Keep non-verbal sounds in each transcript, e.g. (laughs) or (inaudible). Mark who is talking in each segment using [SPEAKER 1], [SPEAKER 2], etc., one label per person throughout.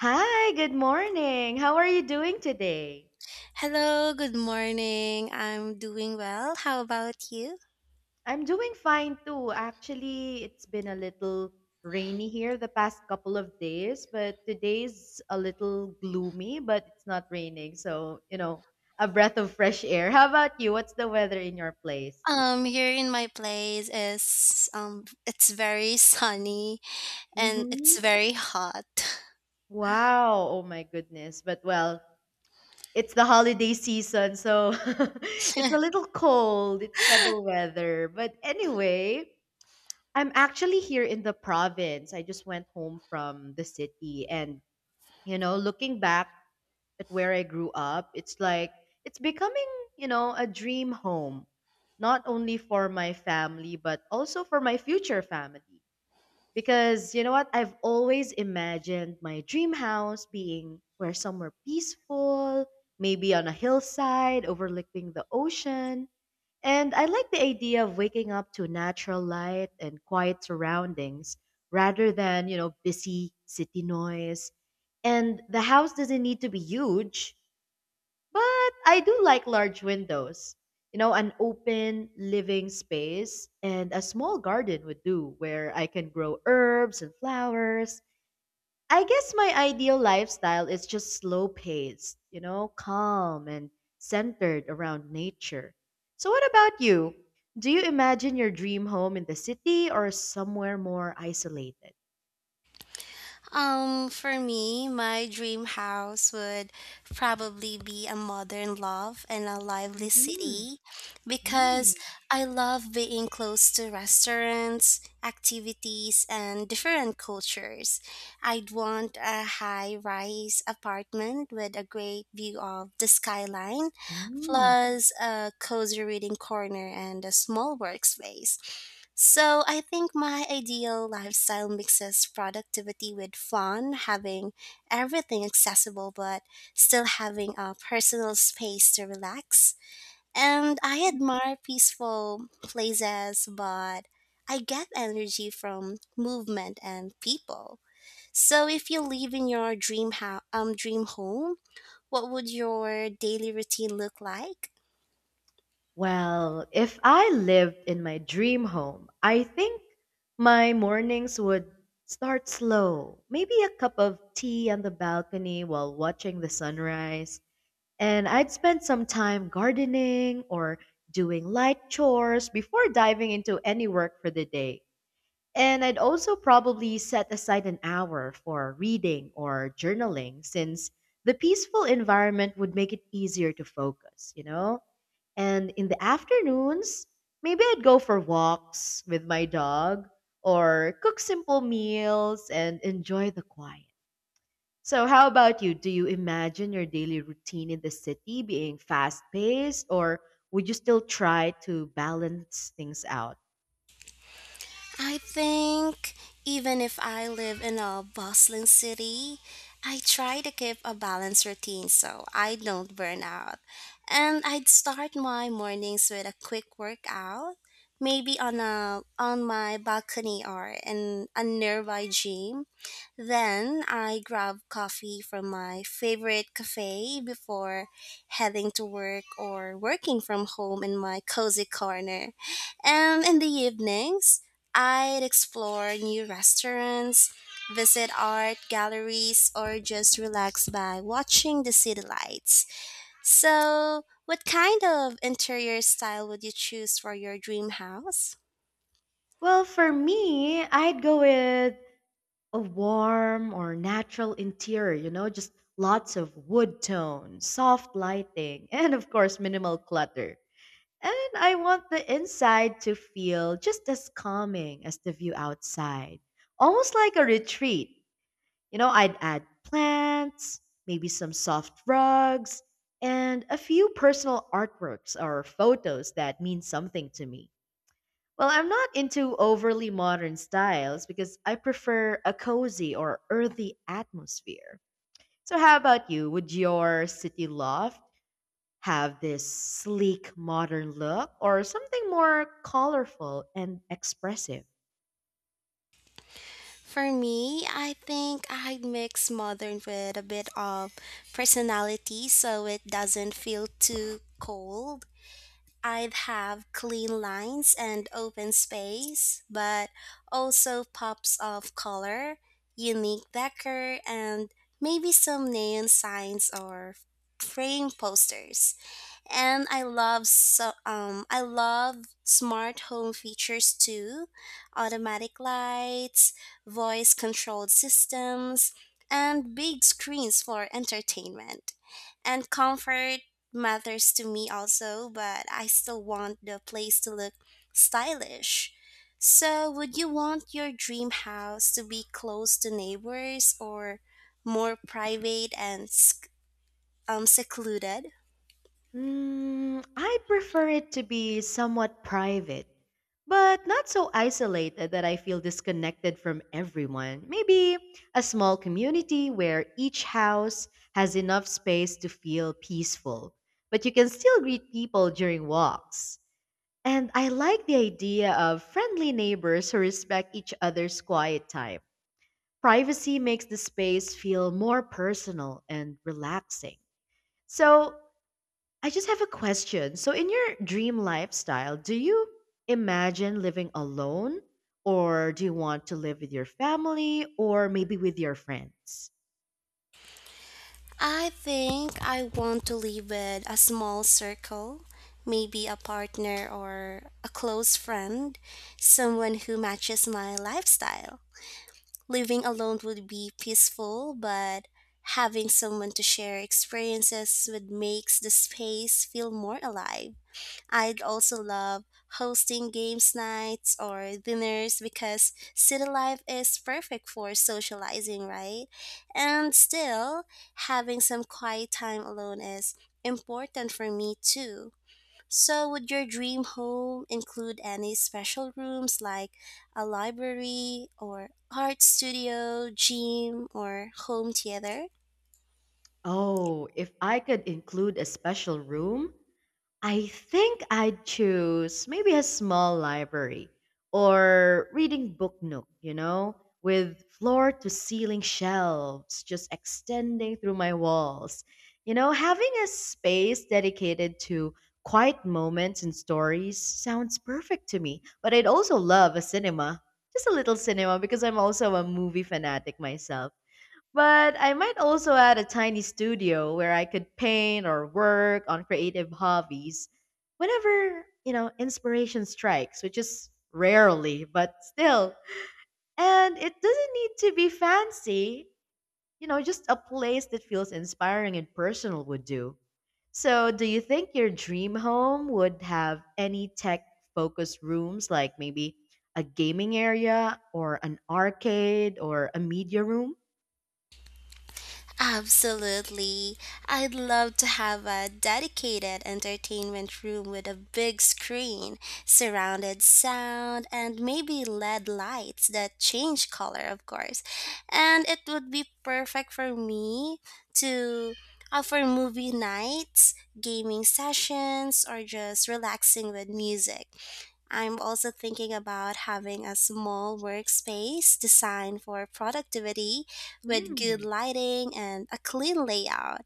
[SPEAKER 1] Hi, good morning. How are you doing today?
[SPEAKER 2] Hello, good morning. I'm doing well. How about you?
[SPEAKER 1] I'm doing fine too. Actually, it's been a little rainy here the past couple of days, but today's a little gloomy, but it's not raining. So, a breath of fresh air. How about you? What's the weather in your place?
[SPEAKER 2] Here in my place is it's very sunny and
[SPEAKER 1] Mm-hmm.
[SPEAKER 2] it's very hot.
[SPEAKER 1] Wow. Oh my goodness. But well, it's the holiday season, so (laughs) it's a little cold. It's cuddle
[SPEAKER 2] (laughs)
[SPEAKER 1] weather. But anyway, I'm actually here in the province. I just went home from the city and looking back at where I grew up, it's like it's becoming, a dream home, not only for my family but also for my future family. Because you know what, I've always imagined my dream house being where somewhere peaceful, maybe on a hillside overlooking the ocean and I like the idea of waking up to natural light and quiet surroundings rather than, busy city noise. And the house doesn't need to be huge, but I do like large windows. You know, an open living space and a small garden would do where I can grow herbs and flowers. I guess my ideal lifestyle is just slow paced, calm and centered around nature. So, what about you? Do you imagine your dream home in the city or somewhere more isolated?
[SPEAKER 2] For me, my dream house would probably be a modern love and a lively
[SPEAKER 1] Hmm.
[SPEAKER 2] city because I love being close to restaurants, activities, and different cultures. I'd want a high rise apartment with a great view of the skyline,
[SPEAKER 1] Mm.
[SPEAKER 2] plus a cozy reading corner and a small workspace. So I think my ideal lifestyle mixes productivity with fun, having everything accessible but still having a personal space to relax. And I admire peaceful places, but I get energy from movement and people. So if you live in your dream house, dream home, what would your daily routine look like?
[SPEAKER 1] Well, if I lived in my dream home, I think my mornings would start slow. Maybe a cup of tea on the balcony while watching the sunrise. And I'd spend some time gardening or doing light chores before diving into any work for the day. And I'd also probably set aside an hour for reading or journaling since the peaceful environment would make it easier to focus, you know? And in the afternoons, maybe I'd go for walks with my dog or cook simple meals and enjoy the quiet. So, how about you? Do you imagine your daily routine in the city being fast paced, or would you still try to balance things out?
[SPEAKER 2] I think even if I live in a bustling city, I try to keep a balanced routine so I don't burn out. And I'd start my mornings with a quick workout, maybe on a on my balcony or in a nearby gym. Then I grab coffee from my favorite cafe before heading to work or working from home in my cozy corner. And in the evenings, I'd explore new restaurants, visit art galleries, or just relax by watching the city lights. So, what kind of interior style would you choose for your dream house?
[SPEAKER 1] Well, for me, I'd go with a warm or natural interior, just lots of wood tone, soft lighting, (laughs) and of course, minimal clutter. And I want the inside to feel just as calming as the view outside, almost like a retreat. You know, I'd add plants, maybe some soft rugs, and a few personal artworks or photos that mean something to me. Well, I'm not into overly modern styles because I prefer a cozy or earthy atmosphere. So, how about you? Would your city loft have this sleek modern look or something more colorful and expressive?
[SPEAKER 2] For me, I think I'd mix modern with a bit of personality so it doesn't feel too cold. I'd have clean lines and open space, but also pops of color, unique decor, and maybe some neon signs or frame posters. And I love smart home features too, automatic lights, voice controlled systems, and big screens for entertainment and comfort matters to me also, but I still want the place to look stylish. So, would you want your dream house to be close to neighbors or more private and secluded?
[SPEAKER 1] Mm, I prefer it to be somewhat private, but not so isolated that I feel disconnected from everyone. Maybe a small community where each house has enough space to feel peaceful, but you can still greet people during walks. And I like the idea of friendly neighbors who respect each other's quiet time. Privacy makes the space feel more personal and relaxing. So, I just have a question. So, in your dream lifestyle, do you imagine living alone, or do you want to live with your family, or maybe with your friends?
[SPEAKER 2] I think I want to live with a small circle, maybe a partner or a close friend, someone who matches my lifestyle. Living alone would be peaceful, but having someone to share experiences with makes the space feel more alive. I'd also love hosting games nights or dinners because city life is perfect for socializing, right? And still, having some quiet time alone is important for me too. So, would your dream home include any special rooms like a library or art studio, gym, or home theater?
[SPEAKER 1] Oh, if I could include a special room, I think I'd choose maybe a small library or reading book nook, with floor to ceiling shelves just extending through my walls. You know, having a space dedicated to quiet moments and stories sounds perfect to me. But I'd also love a cinema, just a little cinema, because I'm also a movie fanatic myself, but I might also add a tiny studio where I could paint or work on creative hobbies whenever, inspiration strikes, which is rarely, but still. And it doesn't need to be fancy, just a place that feels inspiring and personal would do. So, do you think your dream home would have any tech focused rooms like maybe a gaming area or an arcade or a media room?
[SPEAKER 2] Absolutely. I'd love to have a dedicated entertainment room with a big screen, surrounded sound, and maybe LED lights that change color, of course. And it would be perfect for me to offer movie nights, gaming sessions, or just relaxing with music. I'm also thinking about having a small workspace designed for productivity with good
[SPEAKER 1] Hmm.
[SPEAKER 2] lighting and a clean layout.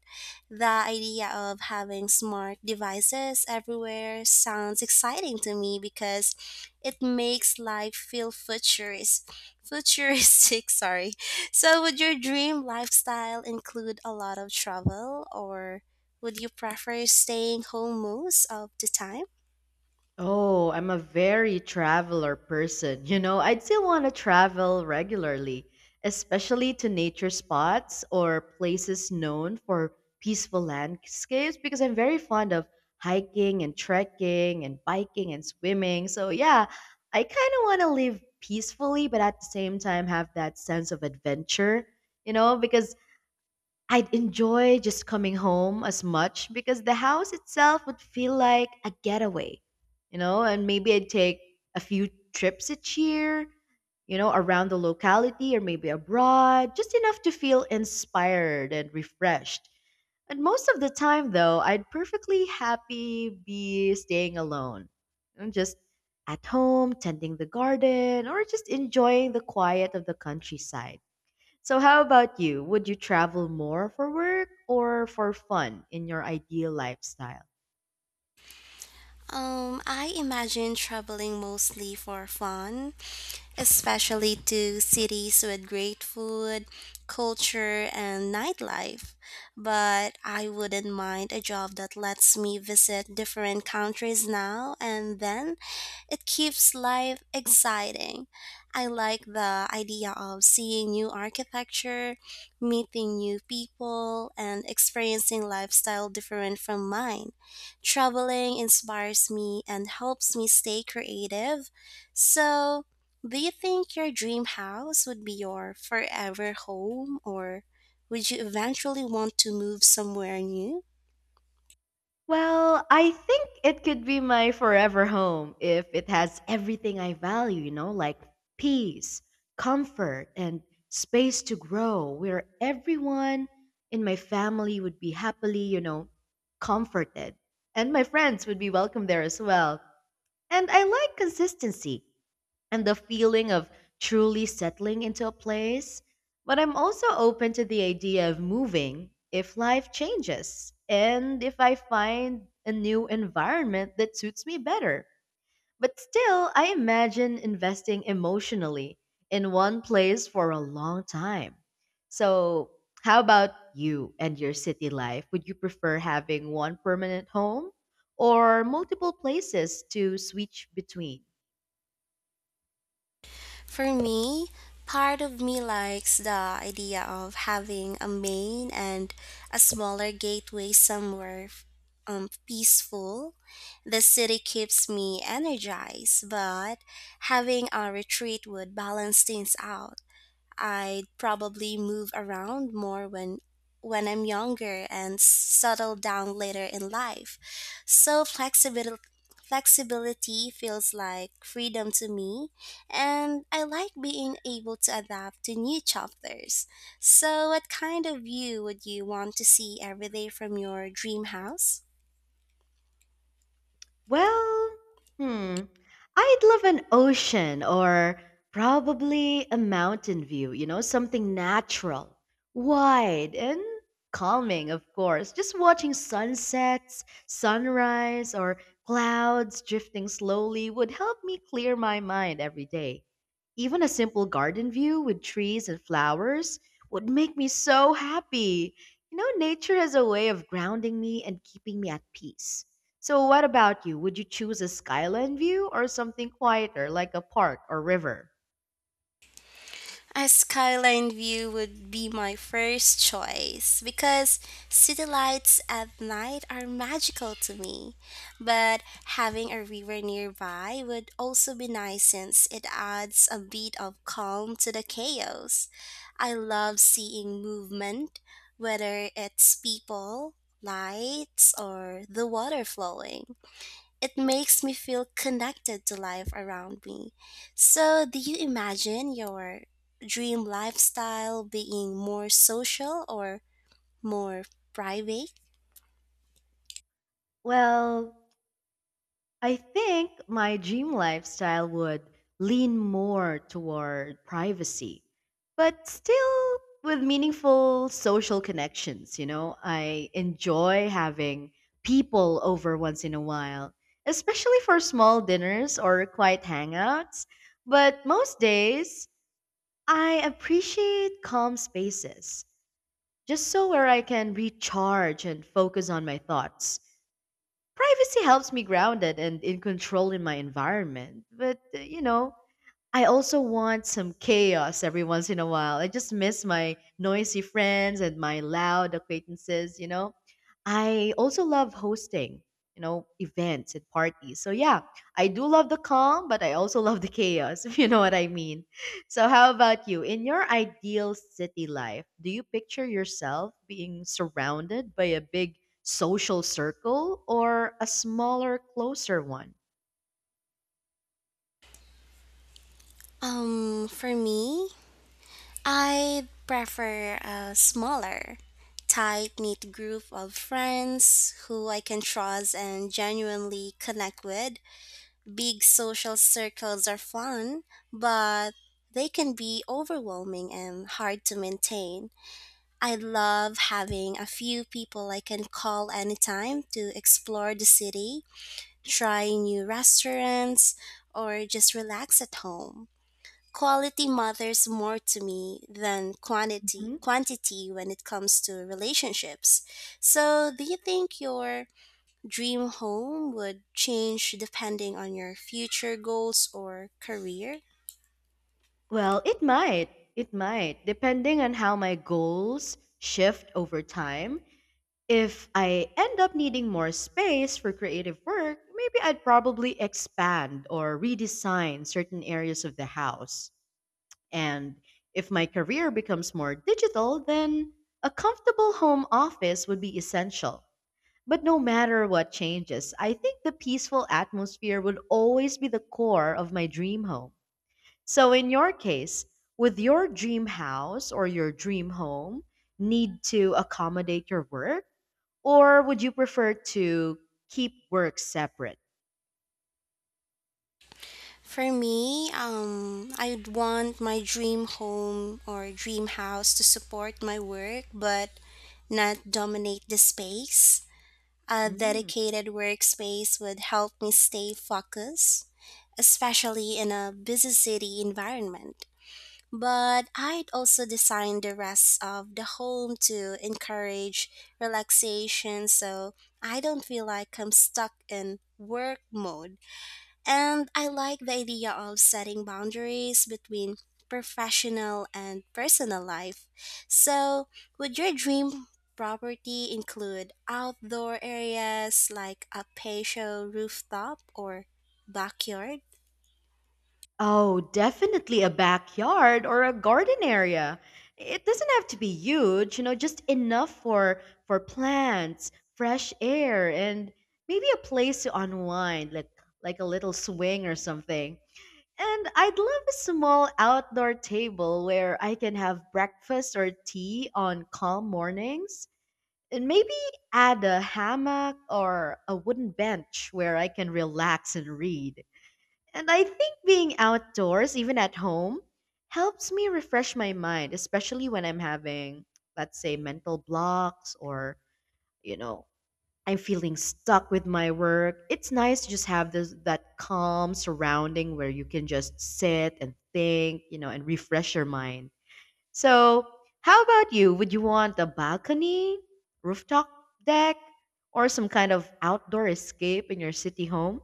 [SPEAKER 2] The idea of having smart devices everywhere sounds exciting to me because it makes life feel futuristic, (laughs) sorry. So would your dream lifestyle include a lot of travel or would you prefer staying home most of the time?
[SPEAKER 1] Oh, I'm a very traveler person. You know, I'd still want to travel regularly, especially to nature spots or places known for peaceful landscapes because I'm very fond of hiking and trekking and biking and swimming. So, yeah, I kind of want to live peacefully, but at the same time have that sense of adventure, because I'd enjoy just coming home as much because the house itself would feel like a getaway, and maybe I'd take a few trips each year, around the locality or maybe abroad, just enough to feel inspired and refreshed. And most of the time, though, I'd perfectly happy be staying alone. I'm just at home, tending the garden, or just enjoying the quiet of the countryside. So, how about you? Would you travel more for work or for fun in your ideal lifestyle?
[SPEAKER 2] I imagine traveling mostly for fun, especially to cities with great food, culture, and nightlife. But I wouldn't mind a job that lets me visit different countries now and then. It keeps life exciting. I like the idea of seeing new architecture, meeting new people, and experiencing lifestyle different from mine. Traveling inspires me and helps me stay creative. So, do you think your dream house would be your forever home or would you eventually want to move somewhere new?
[SPEAKER 1] Well, I think it could be my forever home if it has everything I value, like peace, comfort, and space to grow, where everyone in my family would be happily, comforted. And my friends would be welcome there as well. And I like consistency and the feeling of truly settling into a place. But I'm also open to the idea of moving if life changes and if I find a new environment that suits me better. But still, I imagine investing emotionally in one place for a long time. So, how about you and your city life? Would you prefer having one permanent home or multiple places to switch between?
[SPEAKER 2] For me, part of me likes the idea of having a main and a smaller gateway somewhere peaceful. The city keeps me energized, but having a retreat would balance things out. I'd probably move around more when I'm younger and settle down later in life. So flexibility feels like freedom to me and I like being able to adapt to new chapters. So what kind of view would you want to see every day from your dream house?
[SPEAKER 1] Well, hmm, I'd love an ocean or probably a mountain view, something natural, wide, and calming, of course. Just watching sunsets, sunrise, or clouds drifting slowly would help me clear my mind every day. Even a simple garden view with trees and flowers would make me so happy. You know, nature has a way of grounding me and keeping me at peace. So, what about you? Would you choose a skyline view or something quieter like a park or river?
[SPEAKER 2] A skyline view would be my first choice because city lights at night are magical to me. But having a river nearby would also be nice since it adds a bit of calm to the chaos. I love seeing movement, whether it's people, lights, or the water flowing. It makes me feel connected to life around me. So, do you imagine your dream lifestyle being more social or more private?
[SPEAKER 1] Well, I think my dream lifestyle would lean more toward privacy, but still with meaningful social connections. You know, I enjoy having people over once in a while, especially for small dinners or quiet hangouts. But most days, I appreciate calm spaces just so where I can recharge and focus on my thoughts. Privacy helps me grounded and in control in my environment. But, you know, I also want some chaos every once in a while. I just miss my noisy friends and my loud acquaintances, you know? I also love hosting, events and parties. So, yeah, I do love the calm, but I also love the chaos, (laughs) if you know what I mean. So, how about you? In your ideal city life, do you picture yourself being surrounded by a big social circle or a smaller, closer one?
[SPEAKER 2] For me, I prefer a smaller, tight knit group of friends who I can trust and genuinely connect with. Big social circles are fun, but they can be overwhelming and hard to maintain. I love having a few people I can call anytime to explore the city, try new restaurants, or just relax at home. Quality matters more to me than quantity when it comes to relationships. So, do you think your dream home would change depending on your future goals or career?
[SPEAKER 1] Well, it might. It might, depending on how my goals shift over time. If I end up needing more space for creative work, maybe I'd probably expand or redesign certain areas of the house. And if my career becomes more digital, then a comfortable home office would be essential. But no matter what changes, I think the peaceful atmosphere would always be the core of my dream home. So, in your case, would your dream house or your dream home need to accommodate your work, or would you prefer to keep work separate?
[SPEAKER 2] For me, I'd want my dream home or dream house to support my work but not dominate the space. A
[SPEAKER 1] Mm.
[SPEAKER 2] dedicated workspace would help me stay focused, especially in a busy city environment. But I'd also design the rest of the home to encourage relaxation so I don't feel like I'm stuck in work mode. And I like the idea of setting boundaries between professional and personal life. So, would your dream property include outdoor areas like a patio rooftop or backyard?
[SPEAKER 1] Oh, definitely a backyard or a garden area. It doesn't have to be huge, just enough for plants, fresh air, and maybe a place to unwind, like a little swing or something. And I'd love a small outdoor table where I can have breakfast or tea on calm mornings. And maybe add a hammock or a wooden bench where I can relax and read. And I think being outdoors, even at home, helps me refresh my mind, especially when I'm having, let's say, mental blocks or, you know, I'm feeling stuck with my work. It's nice to just have this that calm surrounding where you can just sit and think, and refresh your mind. So, how about you? Would you want a balcony, rooftop deck, or some kind of outdoor escape in your city home?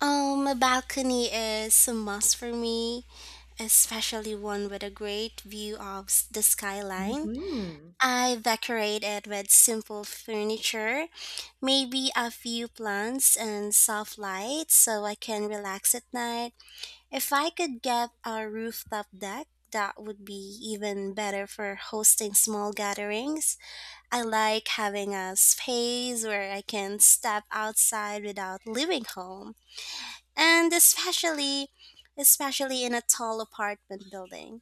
[SPEAKER 2] A balcony is a must for me, especially one with a great view of the skyline.
[SPEAKER 1] Hmm.
[SPEAKER 2] I decorate it with simple furniture, maybe a few plants and soft lights so I can relax at night. If I could get a rooftop deck, that would be even better for hosting small gatherings. I like having a space where I can step outside without leaving home, and especially in a tall apartment building.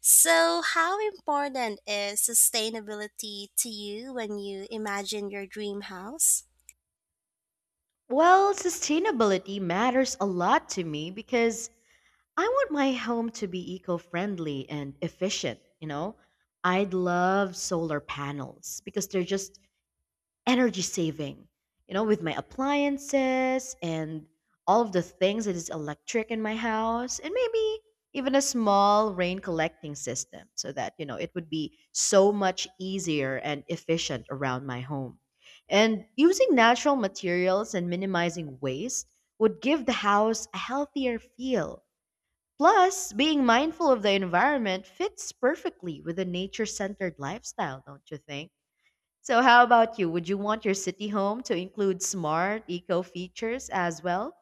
[SPEAKER 2] So, how important is sustainability to you when you imagine your dream house?
[SPEAKER 1] Well, sustainability matters a lot to me because I want my home to be eco-friendly and efficient, you know? I'd love solar panels because they're just energy saving. You know, with my appliances and all of the things that is electric in my house and maybe even a small rain collecting system so that, it would be so much easier and efficient around my home. And using natural materials and minimizing waste would give the house a healthier feel. Plus, being mindful of the environment fits perfectly with a nature centered lifestyle, don't you think? So, how about you? Would you want your city home to include smart eco features as well?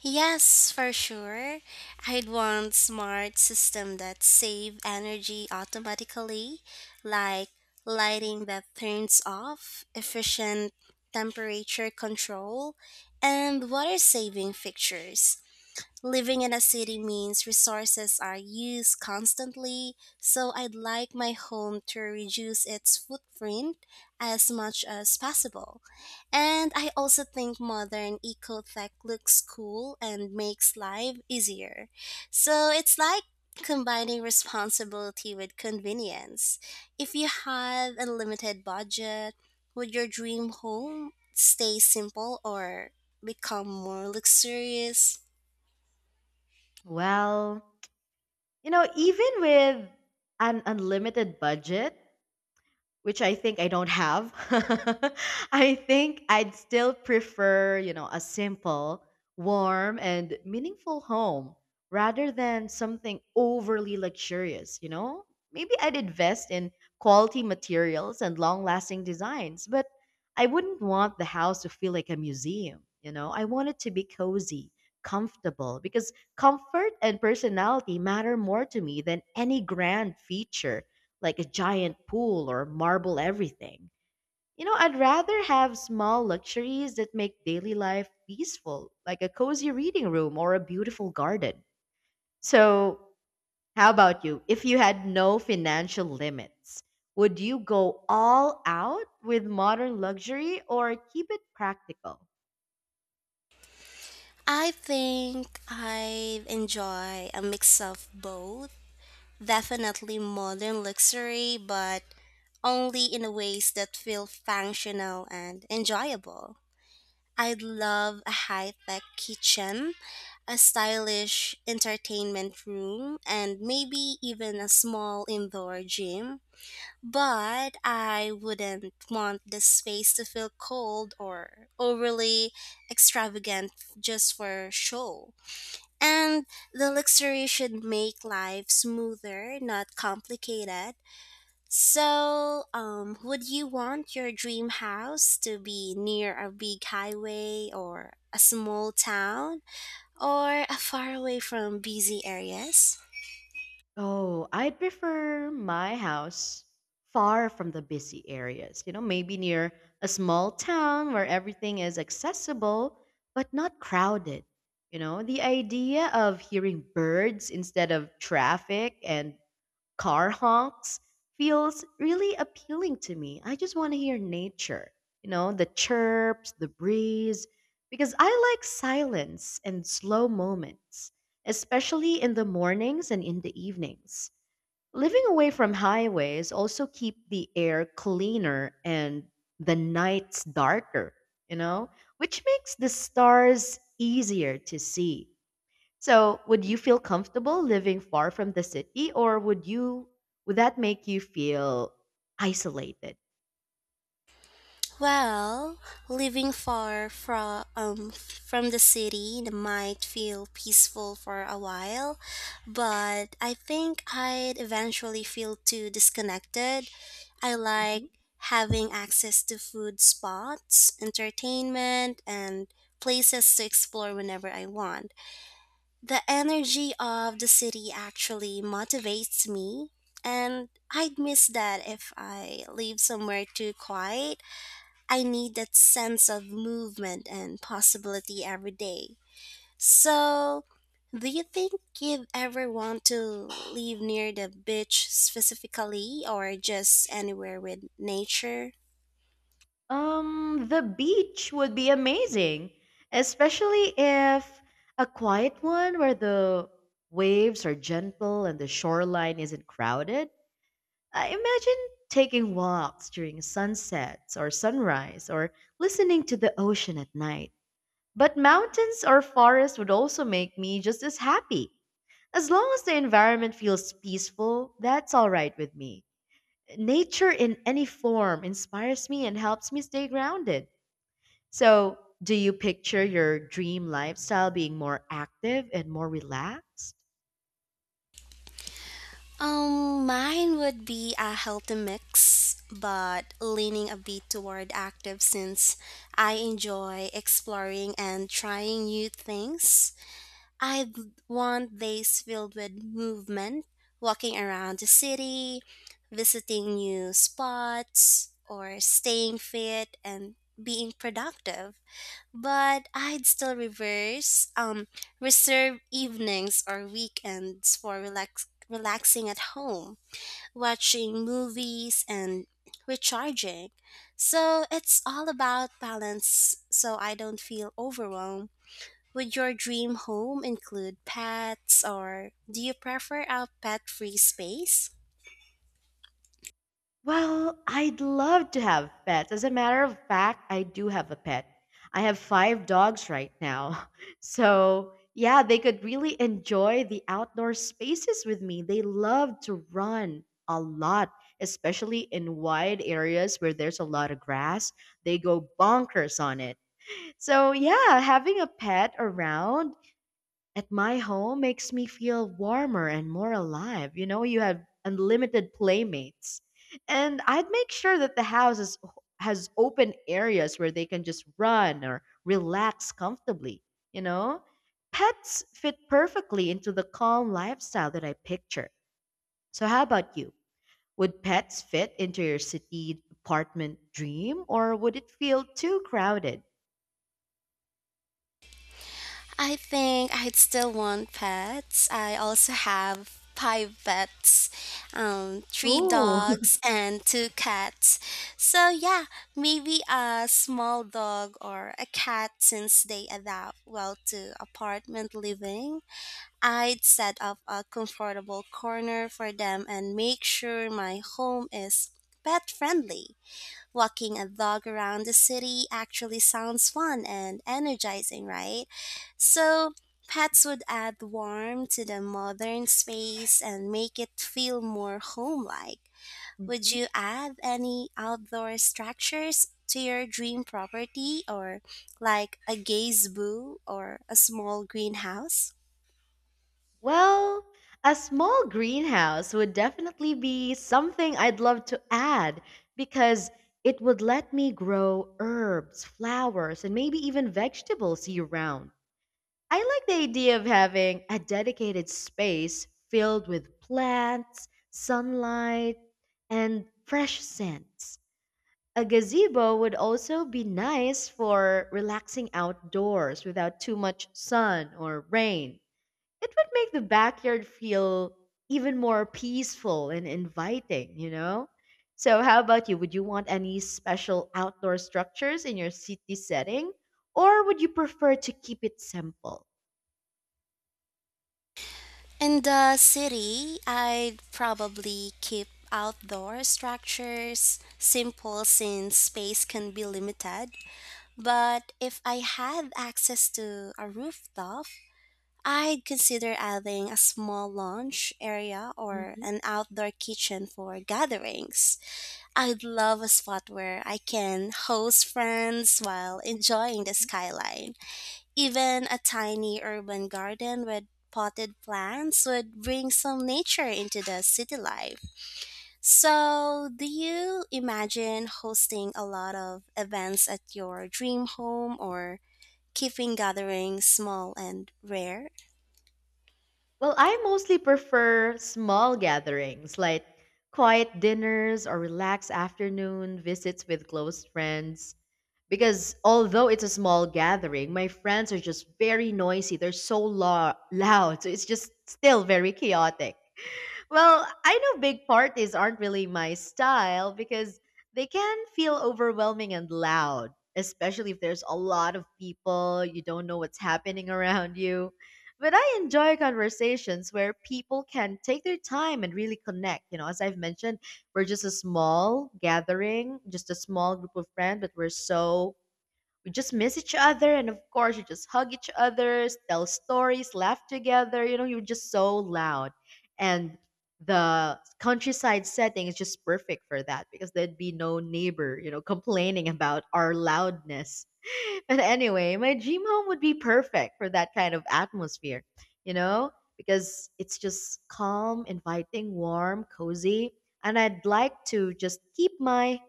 [SPEAKER 2] Yes, for sure. I'd want smart system that save energy automatically, like lighting that turns off, efficient temperature control, and water saving fixtures. Living in a city means resources are used constantly, so I'd like my home to reduce its footprint as much as possible. And I also think modern eco tech looks cool and makes life easier. So it's like combining responsibility with convenience. If you had a limited budget, would your dream home stay simple or become more luxurious?
[SPEAKER 1] Well, you know, even with an unlimited budget, which I think I don't have. (laughs) I think I'd still prefer, you know, a simple, warm, and meaningful home rather than something overly luxurious, you know? Maybe I'd invest in quality materials and long lasting designs, but I wouldn't want the house to feel like a museum, you know? I want it to be cozy, comfortable, because comfort and personality matter more to me than any grand feature like a giant pool or marble everything. You know, I'd rather have small luxuries that make daily life peaceful, like a cozy reading room or a beautiful garden. So, how about you? If you had no financial limits, would you go all out with modern luxury or keep it practical?
[SPEAKER 2] I think I enjoy a mix of both. Definitely modern luxury, but only in ways that feel functional and enjoyable. I'd love a high tech kitchen, a stylish entertainment room, and maybe even a small indoor gym. But I wouldn't want the space to feel cold or overly extravagant just for show. And the luxury should make life smoother, not complicated. So, would you want your dream house to be near a big highway or a small town or far away from busy areas?
[SPEAKER 1] Oh, I'd prefer my house far from the busy areas. You know, maybe near a small town where everything is accessible but not crowded. You know, the idea of hearing birds instead of traffic and car honks feels really appealing to me. I just want to hear nature, you know, the chirps, the breeze, because I like silence and slow moments, especially in the mornings and in the evenings. Living away from highways also keep the air cleaner and the nights darker, you know, which makes the stars easier to see. So, would you feel comfortable living far from the city or would that make you feel isolated?
[SPEAKER 2] Well, living far from the city might feel peaceful for a while, but I think I'd eventually feel too disconnected. I like
[SPEAKER 1] Mhm.
[SPEAKER 2] having access to food spots, entertainment, and places to explore whenever I want. The energy of the city actually motivates me, and I'd miss that if I live somewhere too quiet. I need that sense of movement and possibility every day. So, do you think you'd ever want to live near the beach specifically or just anywhere with nature?
[SPEAKER 1] The beach would be amazing, especially if a quiet one where the waves are gentle and the shoreline isn't crowded. I imagine taking walks during sunsets or sunrise or listening to the ocean at night. But mountains or forests would also make me just as happy. As long as the environment feels peaceful, that's all right with me. Nature in any form inspires me and helps me stay grounded. So, do you picture your dream lifestyle being more active and more relaxed?
[SPEAKER 2] Mine would be a healthy mix, but leaning a bit toward active since I enjoy exploring and trying new things. I'd want days filled with movement, walking around the city, visiting new spots, or staying fit and being productive. But reserve evenings or weekends for relaxing at home, watching movies, and recharging. So it's all about balance so I don't feel overwhelmed. Would your dream home include pets or do you prefer a pet free space?
[SPEAKER 1] Well, I'd love to have pets. As a matter of fact, I do have a pet. I have five dogs right now. (laughs) So, yeah, they could really enjoy the outdoor spaces with me. They love to run a lot, especially in wide areas where there's a lot of grass. They go bonkers on it. So, yeah, having a pet around at my home makes me feel warmer and more alive. You know, you have unlimited playmates. And I'd make sure that the house has open areas where they can just run or relax comfortably, you know? Pets fit perfectly into the calm lifestyle that I picture. So how about you? Would pets fit into your city apartment dream or would it feel too crowded?
[SPEAKER 2] I think I'd still want pets. I also have 5 pets, three
[SPEAKER 1] Ooh.
[SPEAKER 2] dogs and two cats. So yeah, maybe a small dog or a cat since they adapt well to apartment living. I'd set up a comfortable corner for them and make sure my home is pet friendly. Walking a dog around the city actually sounds fun and energizing, right? So, pets would add warmth to the modern space and make it feel more home-like. Would
[SPEAKER 1] Mhm.
[SPEAKER 2] you add any outdoor structures to your dream property or like a gazebo or a small greenhouse?
[SPEAKER 1] Well, a small greenhouse would definitely be something I'd love to add because it would let me grow herbs, flowers, and maybe even vegetables year round. I like the idea of having a dedicated space filled with plants, sunlight, and fresh scents. A gazebo would also be nice for relaxing outdoors without too much sun or rain. It would make the backyard feel even more peaceful and inviting, you know? So, how about you? Would you want any special outdoor structures in your city setting, or would you prefer to keep it simple?
[SPEAKER 2] In the city, I'd probably keep outdoor structures simple since space can be limited. But if I had access to a rooftop, I'd consider adding a small lounge area or
[SPEAKER 1] Mhm.
[SPEAKER 2] an outdoor kitchen for gatherings. I'd love a spot where I can host friends while enjoying the skyline. Even a tiny urban garden with potted plants would bring some nature into the city life. So, do you imagine hosting a lot of events at your dream home or keeping gatherings small and rare?
[SPEAKER 1] Well, I mostly prefer small gatherings like quiet dinners or relaxed afternoon visits with close friends. Because although it's a small gathering, my friends are just very noisy. They're so loud. So it's just still very chaotic. Well, I know big parties aren't really my style because they can feel overwhelming and loud, especially if there's a lot of people, you don't know what's happening around you. But I enjoy conversations where people can take their time and really connect. You know, as I've mentioned, we're just a small gathering, just a small group of friends, but we're so we just miss each other, and of course you just hug each other, tell stories, laugh together, you know, you're just so loud. And the countryside setting is just perfect for that because there'd be no neighbor, you know, complaining about our loudness. (laughs) But anyway, my dream home would be perfect for that kind of atmosphere, you know, because it's just calm, inviting, warm, cozy, and I'd like to just keep my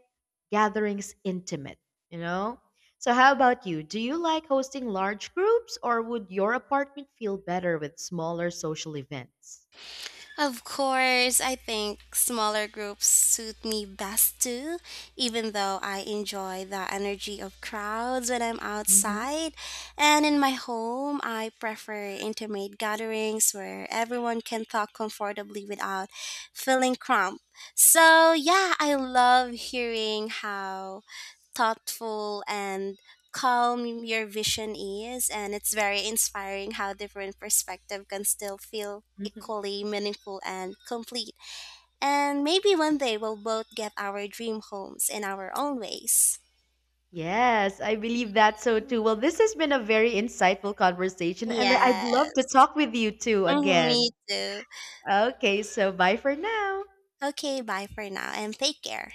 [SPEAKER 1] gatherings intimate, you know? So, how about you? Do you like hosting large groups or would your apartment feel better with smaller social events?
[SPEAKER 2] Of course, I think smaller groups suit me best too, even though I enjoy the energy of crowds when I'm
[SPEAKER 1] Hmm.
[SPEAKER 2] outside. And in my home, I prefer intimate gatherings where everyone can talk comfortably without feeling cramped. So, yeah, I love hearing how thoughtful and calm your vision is, and it's very inspiring how different perspective can still feel
[SPEAKER 1] Mhm.
[SPEAKER 2] equally meaningful and complete, and maybe one day we'll both get our dream homes in our own ways.
[SPEAKER 1] Yes, I believe that so
[SPEAKER 2] Hmm.
[SPEAKER 1] too. Well, this has been a very insightful conversation, and
[SPEAKER 2] Yeah.
[SPEAKER 1] I'd love to talk with you too
[SPEAKER 2] Hmm, me
[SPEAKER 1] again.
[SPEAKER 2] too.
[SPEAKER 1] Okay, so bye for now.
[SPEAKER 2] Okay, bye for now and take care.